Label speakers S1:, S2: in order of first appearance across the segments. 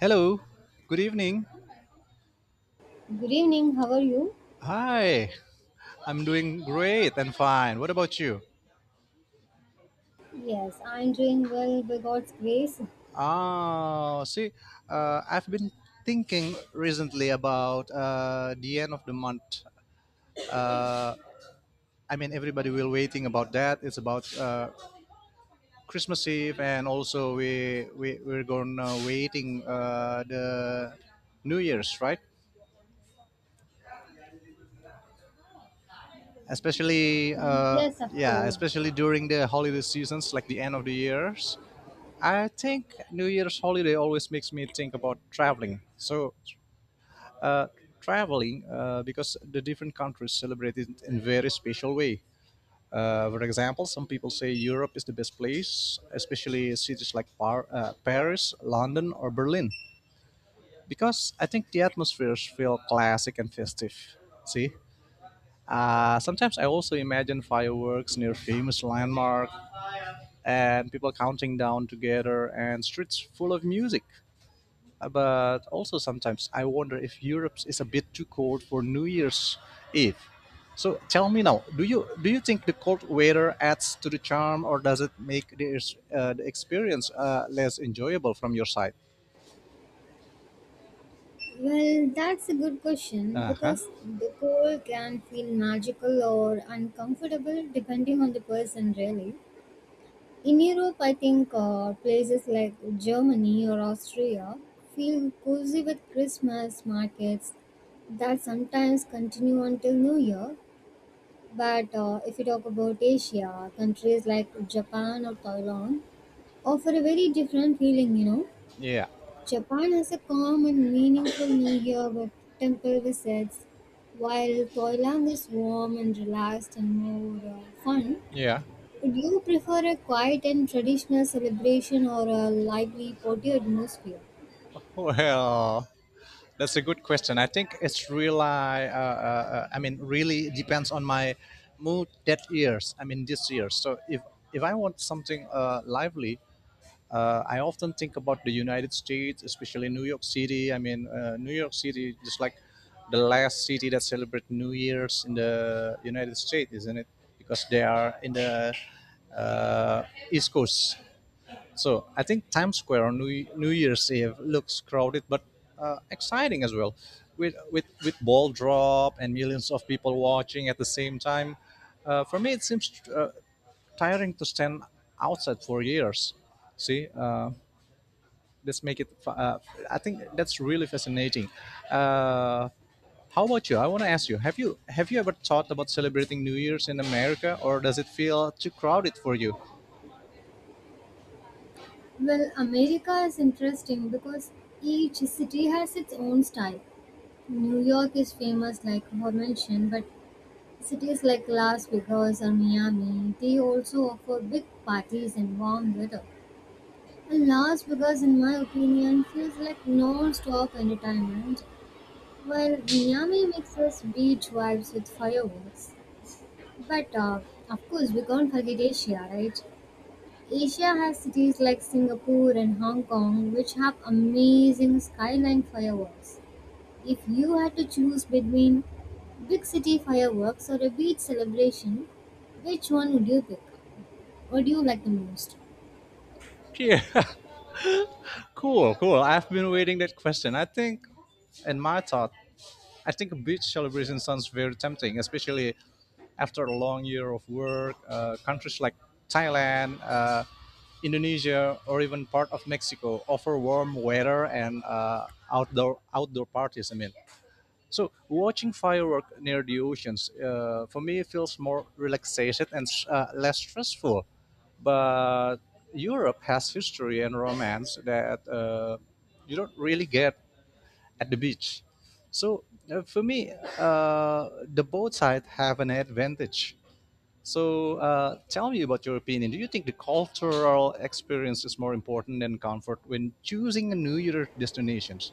S1: Hello, good evening.
S2: Good evening, how are you?
S1: Hi, I'm doing great and fine. What about you?
S2: Yes, I'm doing well by God's grace.
S1: Ah, see, I've been thinking recently about the end of the month. Uh, I mean, everybody will waiting about that. It's about Christmas Eve, and also we're gonna waiting the New Year's, right? Especially,
S2: Yes, of course.
S1: especially during the holiday seasons, like the end of the years. I think New Year's holiday always makes me think about traveling. So, uh, traveling because the different countries celebrate it in very special way. For example, some people say Europe is the best place, especially cities like Paris, London, or Berlin, because I think the atmospheres feel classic and festive. See, sometimes I also imagine fireworks near famous landmark and people counting down together and streets full of music. But also sometimes I wonder if Europe is a bit too cold for New Year's Eve. So tell me now, do you think the cold weather adds to the charm, or does it make the experience less enjoyable from your side?
S2: Well, that's a good question
S1: Uh huh.
S2: because the cold can feel magical or uncomfortable depending on the person, really. In Europe, I think places like Germany or Austria feel cozy with Christmas markets that sometimes continue until New Year. But if you talk about Asia, countries like Japan or Thailand, offer a very different feeling, you know.
S1: Yeah.
S2: Japan has a calm and meaningful New Year with temple visits, while Thailand is warm and relaxed and more fun.
S1: Yeah.
S2: Would you prefer a quiet and traditional celebration or a lively party atmosphere?
S1: Well, that's a good question. I think it's really depends on my mood that years. I mean, this year. So if I want something lively, I often think about the United States, especially New York City. New York City, just like the last city that celebrated New Year's in the United States, isn't it? Because they are in the uh, East Coast. So I think Times Square on New Year's Eve looks crowded, but exciting as well, with ball drop and millions of people watching at the same time. For me, it seems tiring to stand outside for years. See, let's make it. Uh, I think that's really fascinating. Uh, how about you? I want to ask you: have you ever thought about celebrating New Year's in America, or does it feel too crowded for you?
S2: Well, America is interesting because each city has its own style. New York is famous, like I mentioned, but cities like Las Vegas and Miami, they also offer big parties and warm weather. And Las Vegas, in my opinion, feels like non-stop entertainment, while Miami mixes beach vibes with fireworks. But of course, we can't forget Asia, right? Asia has cities like Singapore and Hong Kong, which have amazing skyline fireworks. If you had to choose between big city fireworks or a beach celebration, which one would you pick? What do you like the most?
S1: Yeah, cool, cool. I've been waiting that question. I think, in my thought, I think a beach celebration sounds very tempting, especially after a long year of work. Countries like Thailand, Indonesia, or even part of Mexico offer warm weather and outdoor parties. I mean, so watching fireworks near the oceans, for me, feels more relaxed and less stressful. But Europe has history and romance that you don't really get at the beach. So for me, the both sides have an advantage. So tell me about your opinion. Do you think the cultural experience is more important than comfort when choosing a New Year destinations?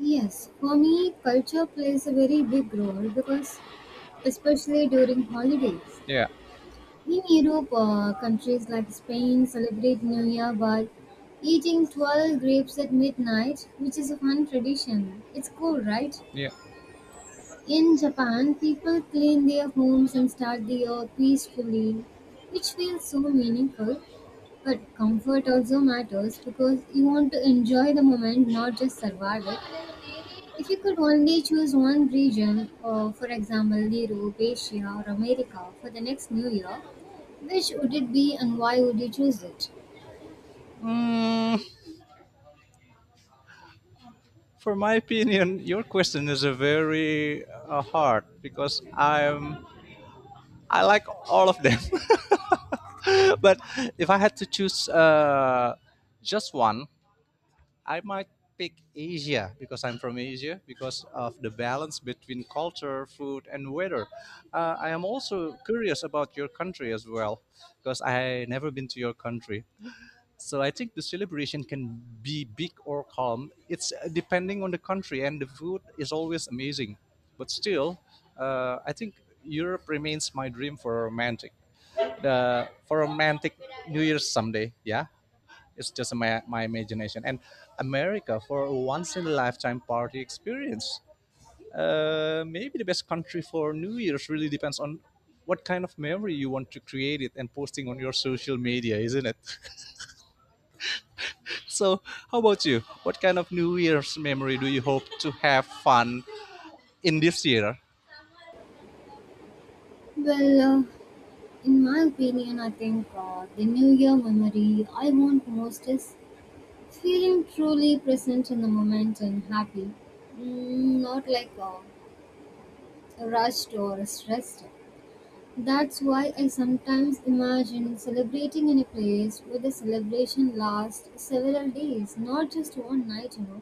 S2: Yes, for me, culture plays a very big role because, especially during holidays.
S1: Yeah,
S2: In Europe, countries like Spain celebrate New Year by eating 12 grapes at midnight, which is a fun tradition. It's cool, right?
S1: yeah.
S2: In Japan, people clean their homes and start the year peacefully, which feels so meaningful. But comfort also matters because you want to enjoy the moment, not just survive it. If you could only choose one region, or for example, Europe, Asia, or America for the next new year, which would it be and why would you choose it?
S1: Mm, for my opinion, your question is a very hard because I like all of them, but if I had to choose just one, I might pick Asia because I'm from Asia because of the balance between culture, food, and weather. I am also curious about your country as well because I never been to your country. So I think the celebration can be big or calm. It's depending on the country, and the food is always amazing. But still, I think Europe remains my dream for a romantic. The For a romantic New Year's someday, yeah. It's just my imagination. And America for a once in a lifetime party experience. Maybe the best country for New Year's really depends on what kind of memory you want to create it and posting on your social media, isn't it? So, how about you? What kind of New Year's memory do you hope to have fun in this year?
S2: Well, in my opinion, I think the New Year memory I want most is feeling truly present in the moment and happy, mm, not like rushed or stressed. That's why I sometimes imagine celebrating in a place where the celebration lasts several days, not just one night, you know.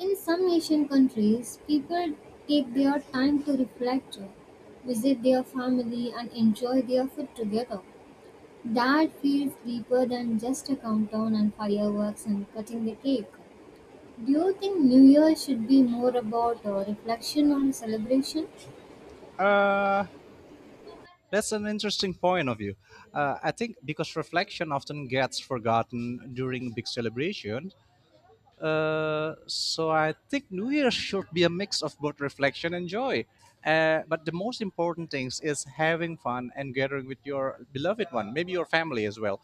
S2: In some Asian countries, people take their time to reflect, visit their family, and enjoy their food together. That feels deeper than just a countdown and fireworks and cutting the cake. Do you think New Year should be more about reflection or celebration?
S1: Uh, that's an interesting point of view. I think because reflection often gets forgotten during big celebrations. So I think New Year should be a mix of both reflection and joy. But the most important things is having fun and gathering with your beloved one, maybe your family as well.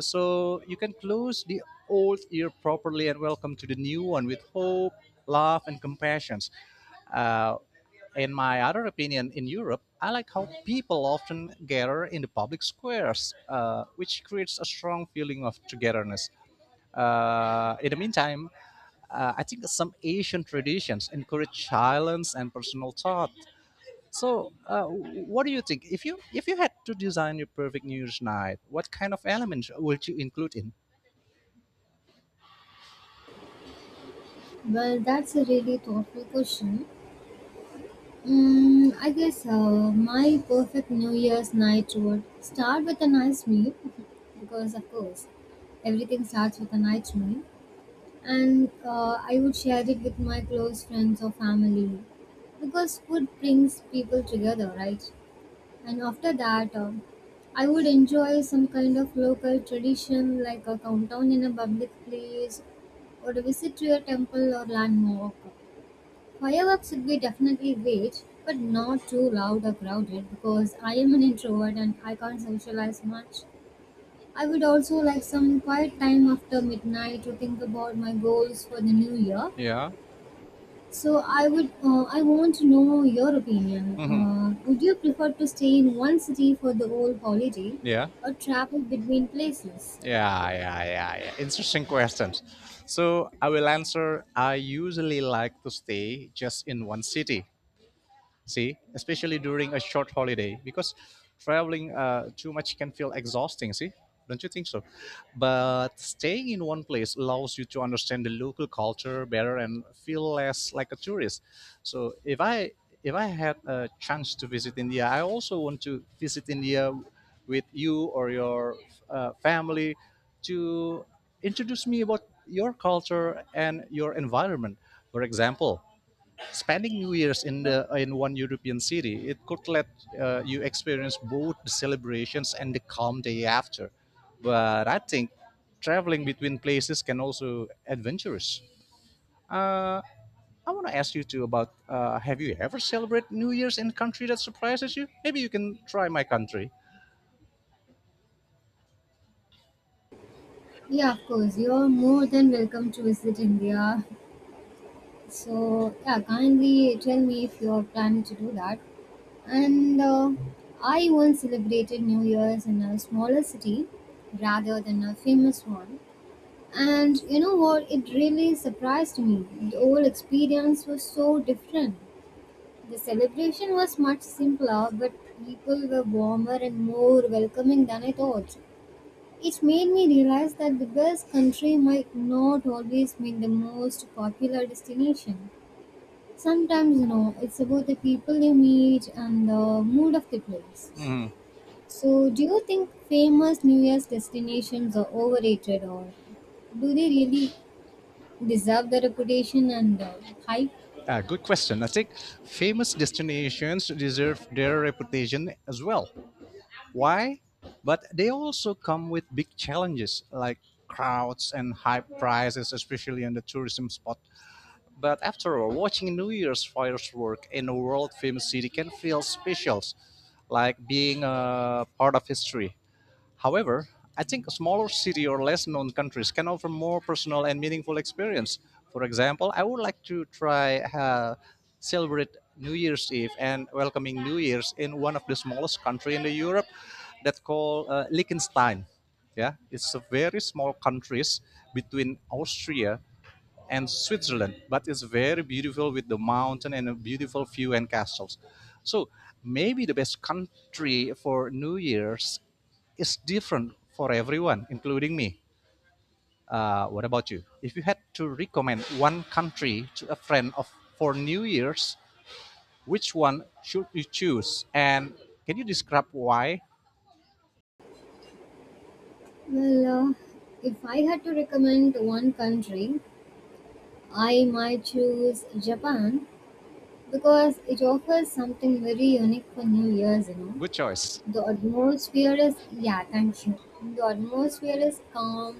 S1: So you can close the old year properly and welcome to the new one with hope, love, and compassion. Uh, in my other opinion, in Europe, I like how people often gather in the public squares, which creates a strong feeling of togetherness. In the meantime, I think some Asian traditions encourage silence and personal thought, so, what do you think? If you had to design your perfect New Year's night, what kind of elements would you include in?
S2: Well, that's a really thoughtful question. I guess my perfect New Year's night would start with a nice meal because, of course, everything starts with a nice meal. And I would share it with my close friends or family because food brings people together, right? And after that, I would enjoy some kind of local tradition like a countdown in a public place or a visit to a temple or landmark. Fireworks would be definitely great, but not too loud or crowded because I am an introvert and I can't socialize much. I would also like some quiet time after midnight to think about my goals for the new year,
S1: Yeah.
S2: so I would, I want to know your opinion.
S1: Hmm.
S2: Would you prefer to stay in one city for the whole holiday,
S1: Yeah.
S2: or travel between places?
S1: Yeah, yeah, yeah, yeah. Interesting questions. So I will answer. I usually like to stay just in one city, see especially during a short holiday because traveling too much can feel exhausting, see, don't you think so? But staying in one place allows you to understand the local culture better and feel less like a tourist. So if I had a chance to visit India, I also want to visit India with you or your family to introduce me about your culture and your environment. For example, spending New Year's in the in one European city, it could let you experience both the celebrations and the calm day after. But I think traveling between places can also adventurous. Uh, I want to ask you too about have you ever celebrated New Year's in a country that surprises you? Maybe you can try my country.
S2: Yeah, of course. You're more than welcome to visit India. So yeah, kindly tell me if you're planning to do that. And I once celebrated New Year's in a smaller city rather than a famous one. And you know what? It really surprised me. The whole experience was so different. The celebration was much simpler, but people were warmer and more welcoming than I thought. It made me realize that the best country might not always mean the most popular destination. Sometimes, you know, it's about the people you meet and the mood of the place.
S1: Mm,
S2: So, do you think famous New Year's destinations are overrated or do they really deserve the reputation and hype?
S1: good question. I think famous destinations deserve their reputation as well. Why? But they also come with big challenges like crowds and high prices, especially in the tourism spot. But after all, watching New Year's fireworks in a world famous city can feel special, like being a part of history. However, I think a smaller city or less known countries can offer more personal and meaningful experience. For example, I would like to try celebrate New Year's Eve and welcoming New Year's in one of the smallest country in the Europe that called Liechtenstein. Yeah, it's a very small countries between Austria and Switzerland, but it's very beautiful with the mountain and a beautiful view and castles. So maybe the best country for New Year's is different for everyone, including me. What about you? If you had to recommend one country to a friend of for New Year's, which one should you choose? And can you describe why?
S2: Well, if I had to recommend one country, I might choose Japan because it offers something very unique for New Year's, you know.
S1: Good choice.
S2: The atmosphere is, yeah, thank you. The atmosphere is calm,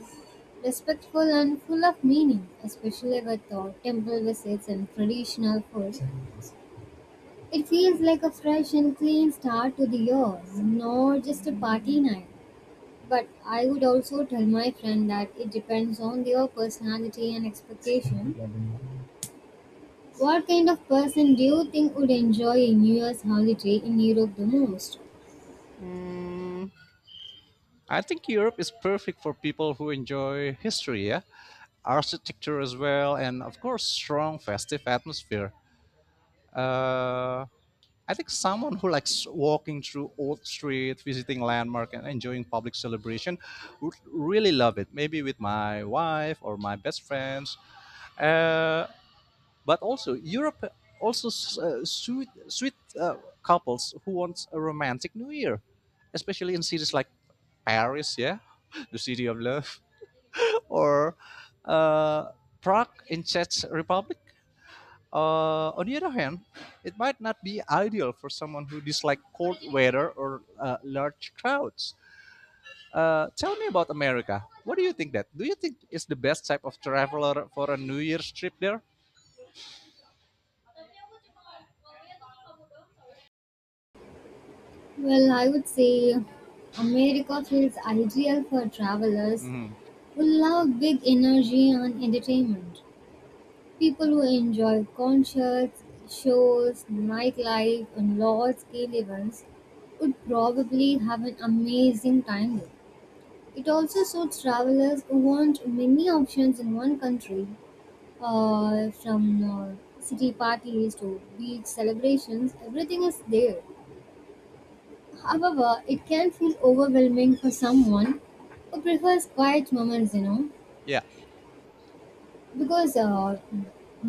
S2: respectful, and full of meaning, especially with temple visits and traditional food. It feels like a fresh and clean start to the year, not just a party night. But I would also tell my friend that it depends on their personality and expectation. What kind of person do you think would enjoy a New Year's holiday in Europe the most?
S1: I think Europe is perfect for people who enjoy history, yeah, architecture as well, and of course, strong festive atmosphere. Uh, I think someone who likes walking through old streets, visiting landmark, and enjoying public celebration would really love it. Maybe with my wife or my best friends. Uh, but also, Europe also suit couples who want a romantic New Year, especially in cities like Paris, yeah, the city of love, or uh, Prague in Czech Republic. On the other hand, it might not be ideal for someone who dislikes cold weather or large crowds. Tell me about America. What do you think that? Do you think it's the best type of traveler for a New Year's trip there?
S2: Well, I would say America feels ideal for travelers
S1: Mhm.
S2: who love big energy and entertainment. People who enjoy concerts, shows, nightlife, and large scale events would probably have an amazing time there. It also suits travelers who want many options in one country, from city parties to beach celebrations, everything is there. However, it can feel overwhelming for someone who prefers quiet moments, you know,
S1: Yeah.
S2: because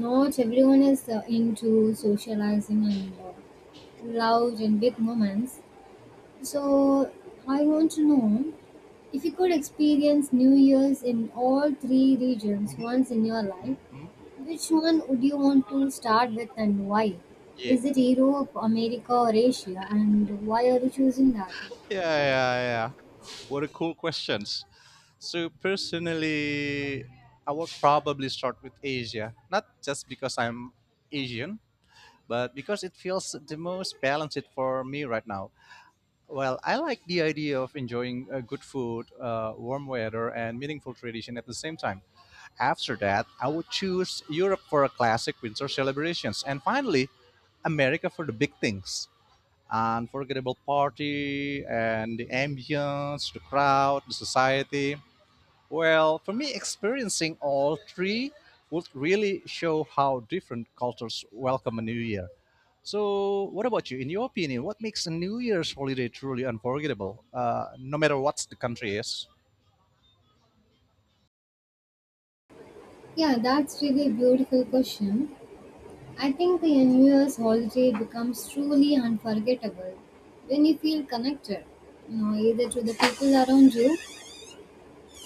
S2: not everyone is into socializing and loud and big moments. So, I want to know if you could experience New Year's in all three regions once in your life, which one would you want to start with and why?
S1: Yeah.
S2: Is it Europe, America, or Asia? And why are you choosing that?
S1: Yeah, yeah, yeah. What a cool questions. So personally, I would probably start with Asia. Not just because I'm Asian, but because it feels the most balanced for me right now. Well, I like the idea of enjoying good food, warm weather, and meaningful tradition at the same time. After that, I would choose Europe for a classic winter celebrations, and finally, America for the big things unforgettable party and the ambience, the crowd, the society. Well, for me, experiencing all three would really show how different cultures welcome a new year. So, what about you? In your opinion, what makes a New Year's holiday truly unforgettable, no matter what the country is?
S2: Yeah, that's really a beautiful question. I think the New Year's holiday becomes truly unforgettable when you feel connected, you know, either to the people around you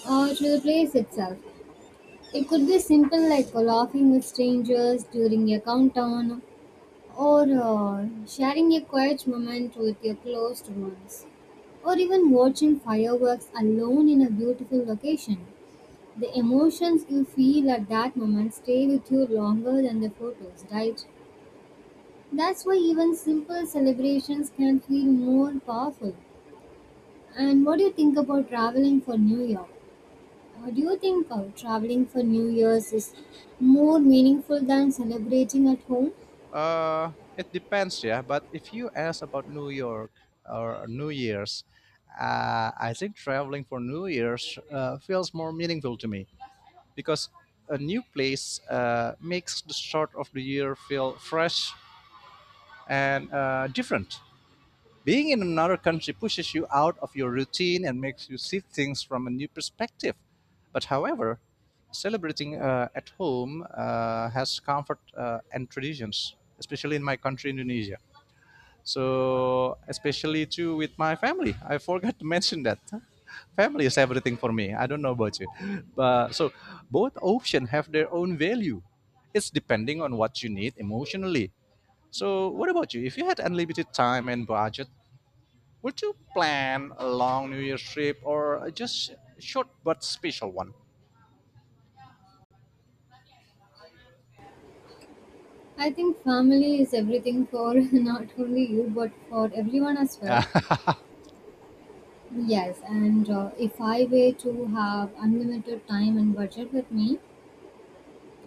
S2: or to the place itself. It could be simple like laughing with strangers during a countdown or sharing a quiet moment with your closed ones, or even watching fireworks alone in a beautiful location. The emotions you feel at that moment stay with you longer than the photos, right? That's why even simple celebrations can feel more powerful. And what do you think about traveling for New Year? Do you think traveling for New Year's is more meaningful than celebrating at home?
S1: It depends, yeah. But if you ask about New York or New Year's, I think traveling for New Year's feels more meaningful to me because a new place makes the start of the year feel fresh and different. Being in another country pushes you out of your routine and makes you see things from a new perspective. But however, celebrating at home has comfort and traditions, especially in my country, Indonesia. So especially too with my family, I forgot to mention that family is everything for me. I don't know about you, but so both options have their own value. It's depending on what you need emotionally. So what about you? If you had unlimited time and budget, would you plan a long New Year's trip or just short but special one?
S2: I think family is everything for not only you but for everyone as well. Yes, and if I were to have unlimited time and budget with me,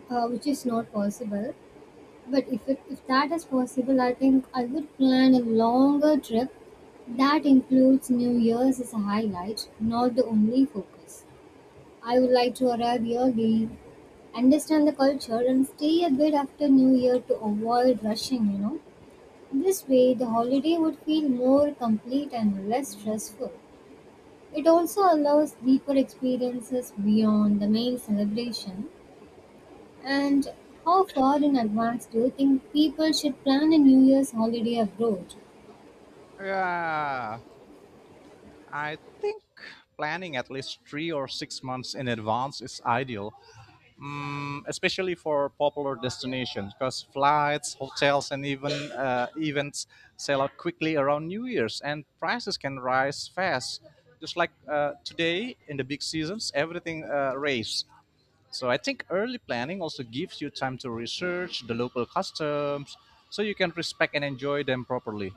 S2: which is not possible, but if that is possible, I think I would plan a longer trip that includes New Year's as a highlight, not the only focus. I would like to arrive early, understand the culture, and stay a bit after New Year to avoid rushing, you know. This way, the holiday would feel more complete and less stressful. It also allows deeper experiences beyond the main celebration. And how far in advance do you think people should plan a New Year's holiday abroad?
S1: Yeah, I think planning at least 3 or 6 months in advance is ideal. Especially for popular destinations because flights, hotels, and even events sell out quickly around New Year's, and prices can rise fast. Just like today in the big seasons, everything raised. So I think early planning also gives you time to research the local customs, so you can respect and enjoy them properly.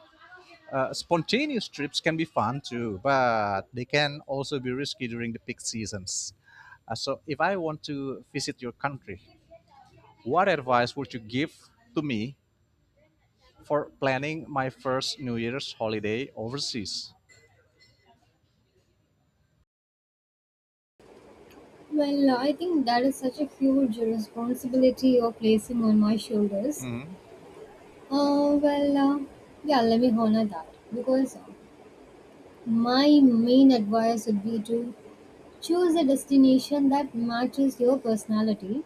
S1: Spontaneous trips can be fun too, but they can also be risky during the peak seasons. So if I want to visit your country, what advice would you give to me for planning my first New Year's holiday overseas?
S2: Well, I think that is such a huge responsibility you're placing on my shoulders.
S1: Hmm.
S2: Well, yeah, let me honor that because my main advice would be to choose a destination that matches your personality,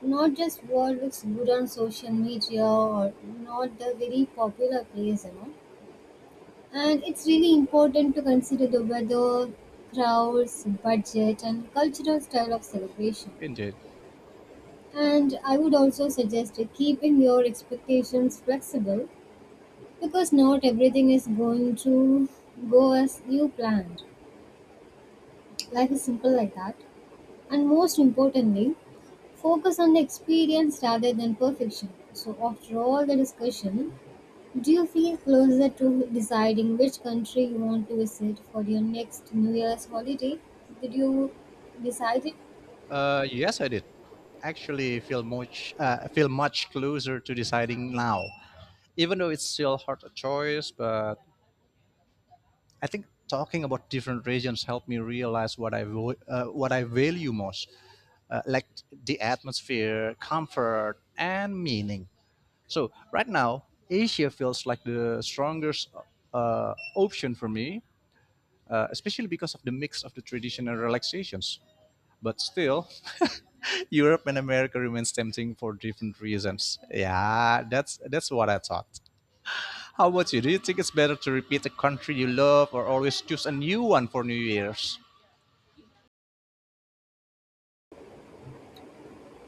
S2: not just what looks good on social media or not the very popular place, you know. And it's really important to consider the weather, crowds, budget, and cultural style of celebration.
S1: Indeed.
S2: And I would also suggest keeping your expectations flexible because not everything is going to go as you planned. Life is simple like that. And most importantly, focus on the experience rather than perfection. So, after all the discussion, do you feel closer to deciding which country you want to visit for your next New Year's holiday? Did you decide it?
S1: Yes, I did. Actually, feel much closer to deciding now, even though it's still hard a choice. But I think talking about different regions helped me realize what I what I value most, like the atmosphere, comfort, and meaning. So right now, Asia feels like the strongest option for me, especially because of the mix of the traditional relaxations. But still, Europe and America remains tempting for different reasons. Yeah, that's what I thought. How about you? Do you think it's better to repeat a country you love, or always choose a new one for New Year's?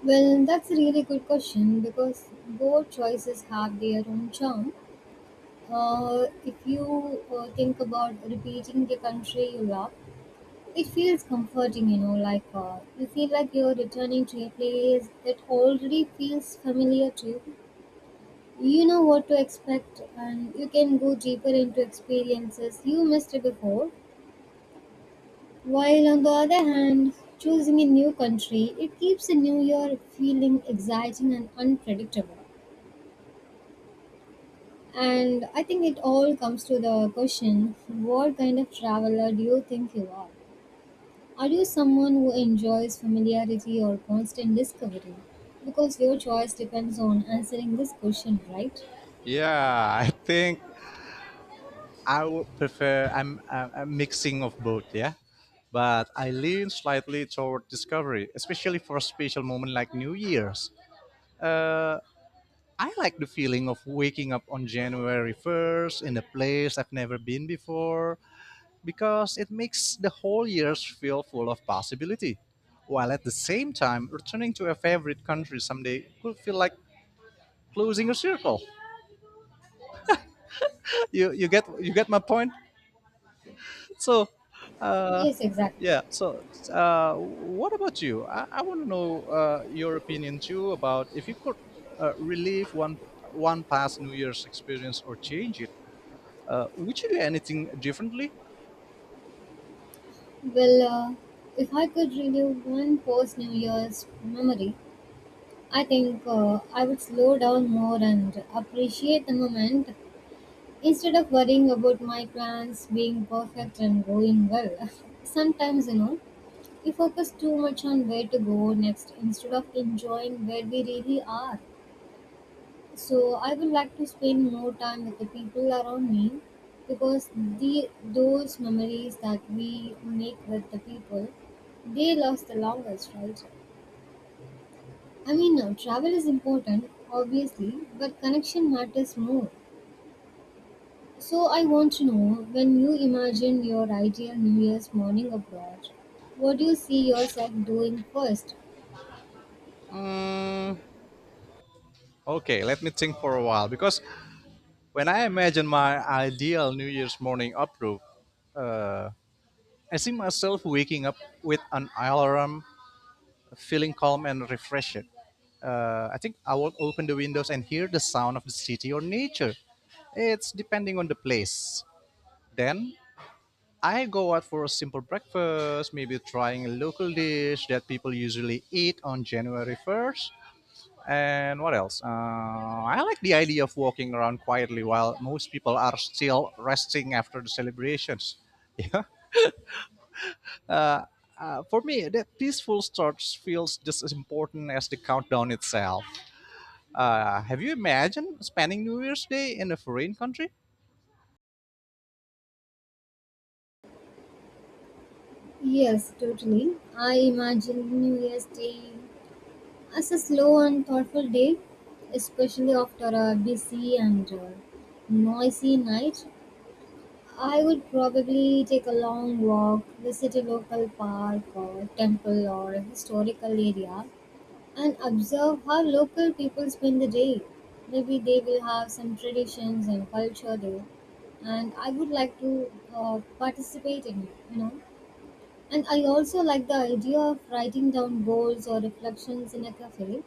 S2: Well, that's a really good question because both choices have their own charm. If you think about repeating the country you love, it feels comforting, you know, like you feel like you're returning to a place that already feels familiar to you. You know what to expect, and you can go deeper into experiences you missed before. While on the other hand, choosing a new country, it keeps the new year feeling exciting and unpredictable. And I think it all comes to the question, what kind of traveler do you think you are? Are you someone who enjoys familiarity or constant discovery? Because your choice depends on answering this question, right?
S1: Yeah, I think I would prefer I'm a mixing of both, yeah. But I lean slightly toward discovery, especially for a special moment like New Year's. Uh, I like the feeling of waking up on January 1st in a place I've never been before because it makes the whole year feel full of possibility. While at the same time, returning to a favorite country someday could feel like closing a circle. You get you get my point? So, uh,
S2: Yes, exactly.
S1: yeah. So, what about you? I want to know your opinion too about if you could relive one past New Year's experience or change it. Would you do anything differently?
S2: Well, if I could relive one post New Year's memory, I think I would slow down more and appreciate the moment instead of worrying about my plans being perfect and going well. Sometimes, you know, we focus too much on where to go next instead of enjoying where we really are. So I would like to spend more time with the people around me because the those memories that we make with the people, they last the longest, right? I mean, travel is important, obviously, but connection matters more. So I want to know, when you imagine your ideal New Year's morning abroad, what do you see yourself doing first?
S1: Hmm, okay, let me think for a while because when I imagine my ideal New Year's morning uproar, uh, I see myself waking up with an alarm feeling calm and refreshed. I think I will open the windows and hear the sound of the city or nature. It's depending on the place. Then I go out for a simple breakfast, maybe trying a local dish that people usually eat on January 1st. And what else? I like the idea of walking around quietly while most people are still resting after the celebrations. Yeah. For me, that peaceful start feels just as important as the countdown itself. Have you imagined spending New Year's Day in a foreign country?
S2: Yes, totally. I imagine New Year's Day, it's a slow and thoughtful day, especially after a busy and noisy night. I would probably take a long walk, visit a local park or temple or a historical area, and observe how local people spend the day. Maybe they will have some traditions and culture there, and I would like to participate in it, you know. And I also like the idea of writing down goals or reflections in a cafe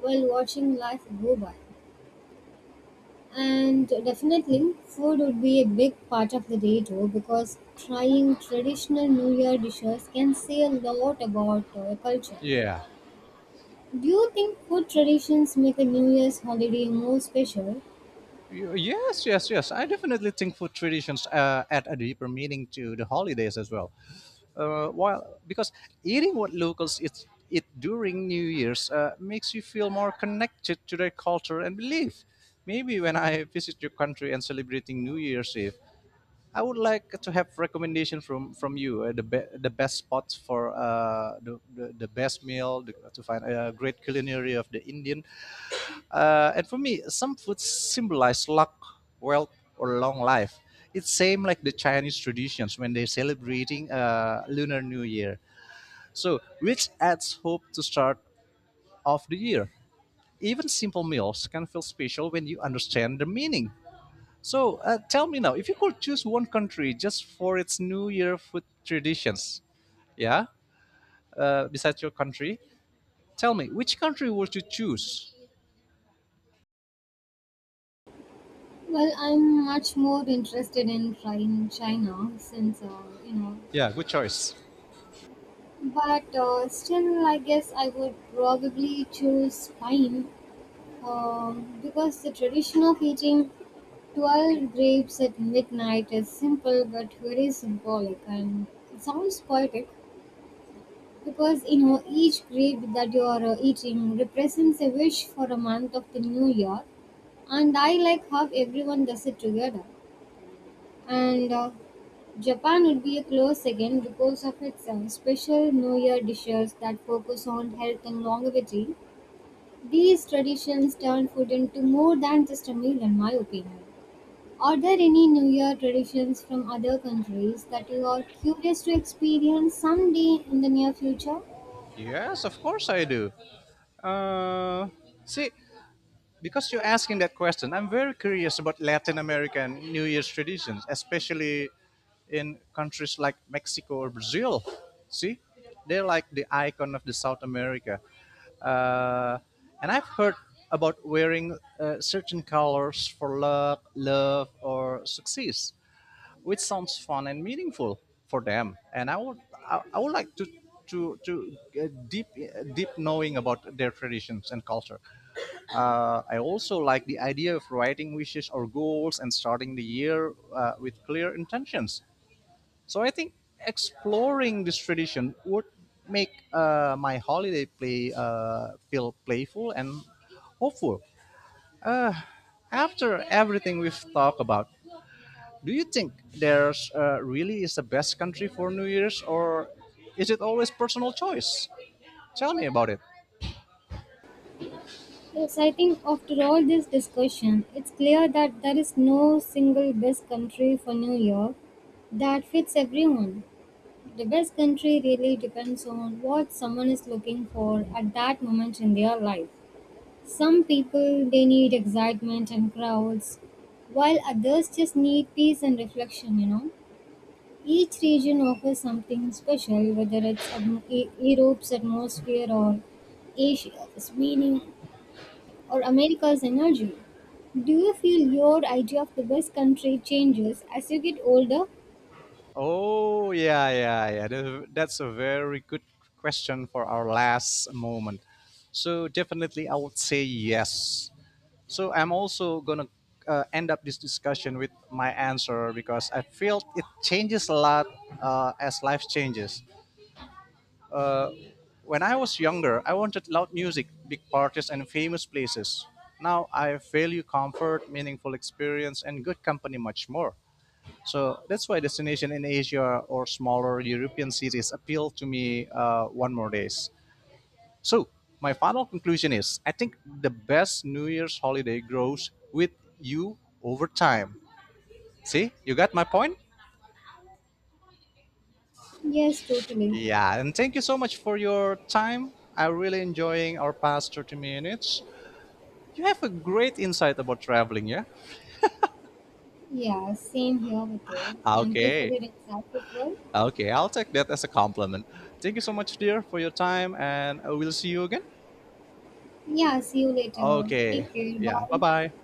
S2: while watching life go by. And definitely, food would be a big part of the day too because trying traditional New Year dishes can say a lot about a culture.
S1: Yeah.
S2: Do you think food traditions make a New Year's holiday more special?
S1: Yes, yes, yes. I definitely think food traditions add a deeper meaning to the holidays as well. While because eating what locals eat during New Year's makes you feel more connected to their culture and belief. Maybe when I visit your country and celebrating New Year's Eve, I would like to have recommendation from you the best spots for the best meal the, to find a great culinary of the Indian. And for me, some foods symbolize luck, wealth, or long life. It's same like the Chinese traditions when they're celebrating Lunar New Year. So, which adds hope to start of the year. Even simple meals can feel special when you understand the meaning. So tell me now, if you could choose one country just for its New Year food traditions, yeah, besides your country, tell me which country would you choose?
S2: Well, I'm much more interested in trying China since you know.
S1: Yeah, good choice.
S2: But still, I guess I would probably choose pine, because the tradition of eating 12 grapes at midnight is simple but very symbolic, and it sounds poetic because you know each grape that you are eating represents a wish for a month of the new year, and I like how everyone does it together. And Japan would be a close second because of its special New Year dishes that focus on health and longevity. These traditions turn food into more than just a meal in my opinion. Are there any New Year traditions from other countries that you are curious to experience someday in the near future?
S1: Yes, of course I do. Uh, See, because you're asking that question, I'm very curious about Latin American New Year's traditions, especially in countries like Mexico or Brazil. See, they're like the icon of the South America. Uh, and I've heard about wearing certain colors for love or success, which sounds fun and meaningful for them. And I would like to to get deep knowing about their traditions and culture. I also like the idea of writing wishes or goals and starting the year with clear intentions. So I think exploring this tradition would make my holiday play feel playful and hopeful. After everything we've talked about, do you think there's really is the best country for New Year's, or is it always personal choice? Tell me about it.
S2: Yes, I think after all this discussion, it's clear that there is no single best country for New Year that fits everyone. The best country really depends on what someone is looking for at that moment in their life. Some people they need excitement and crowds, while others just need peace and reflection, you know. Each region offers something special, whether it's Europe's atmosphere or Asia's meaning or America's energy. Do you feel your idea of the best country changes as you get older?
S1: Oh yeah, yeah, yeah. That's a very good question for our last moment. So definitely, I would say yes. So I'm also gonna end up this discussion with my answer because I feel it changes a lot as life changes. Uh, When I was younger, I wanted loud music, big parties, and famous places. Now I value comfort, meaningful experience, and good company much more. So that's why destination in Asia or smaller European cities appeal to me one more days. So my final conclusion is: I think the best New Year's holiday grows with you over time. See, you got my point.
S2: Yes, totally.
S1: Yeah, and thank you so much for your time. I really enjoying our past 30 minutes. You have a great insight about traveling, yeah?
S2: Yeah, same here with you. Thank you for
S1: Okay.
S2: your insightful.
S1: Okay, I'll take that as a compliment. Thank you so much, dear, for your time, and I will see you again.
S2: Yeah, see you later.
S1: Okay.
S2: Take care.
S1: Yeah, bye
S2: Bye.
S1: bye.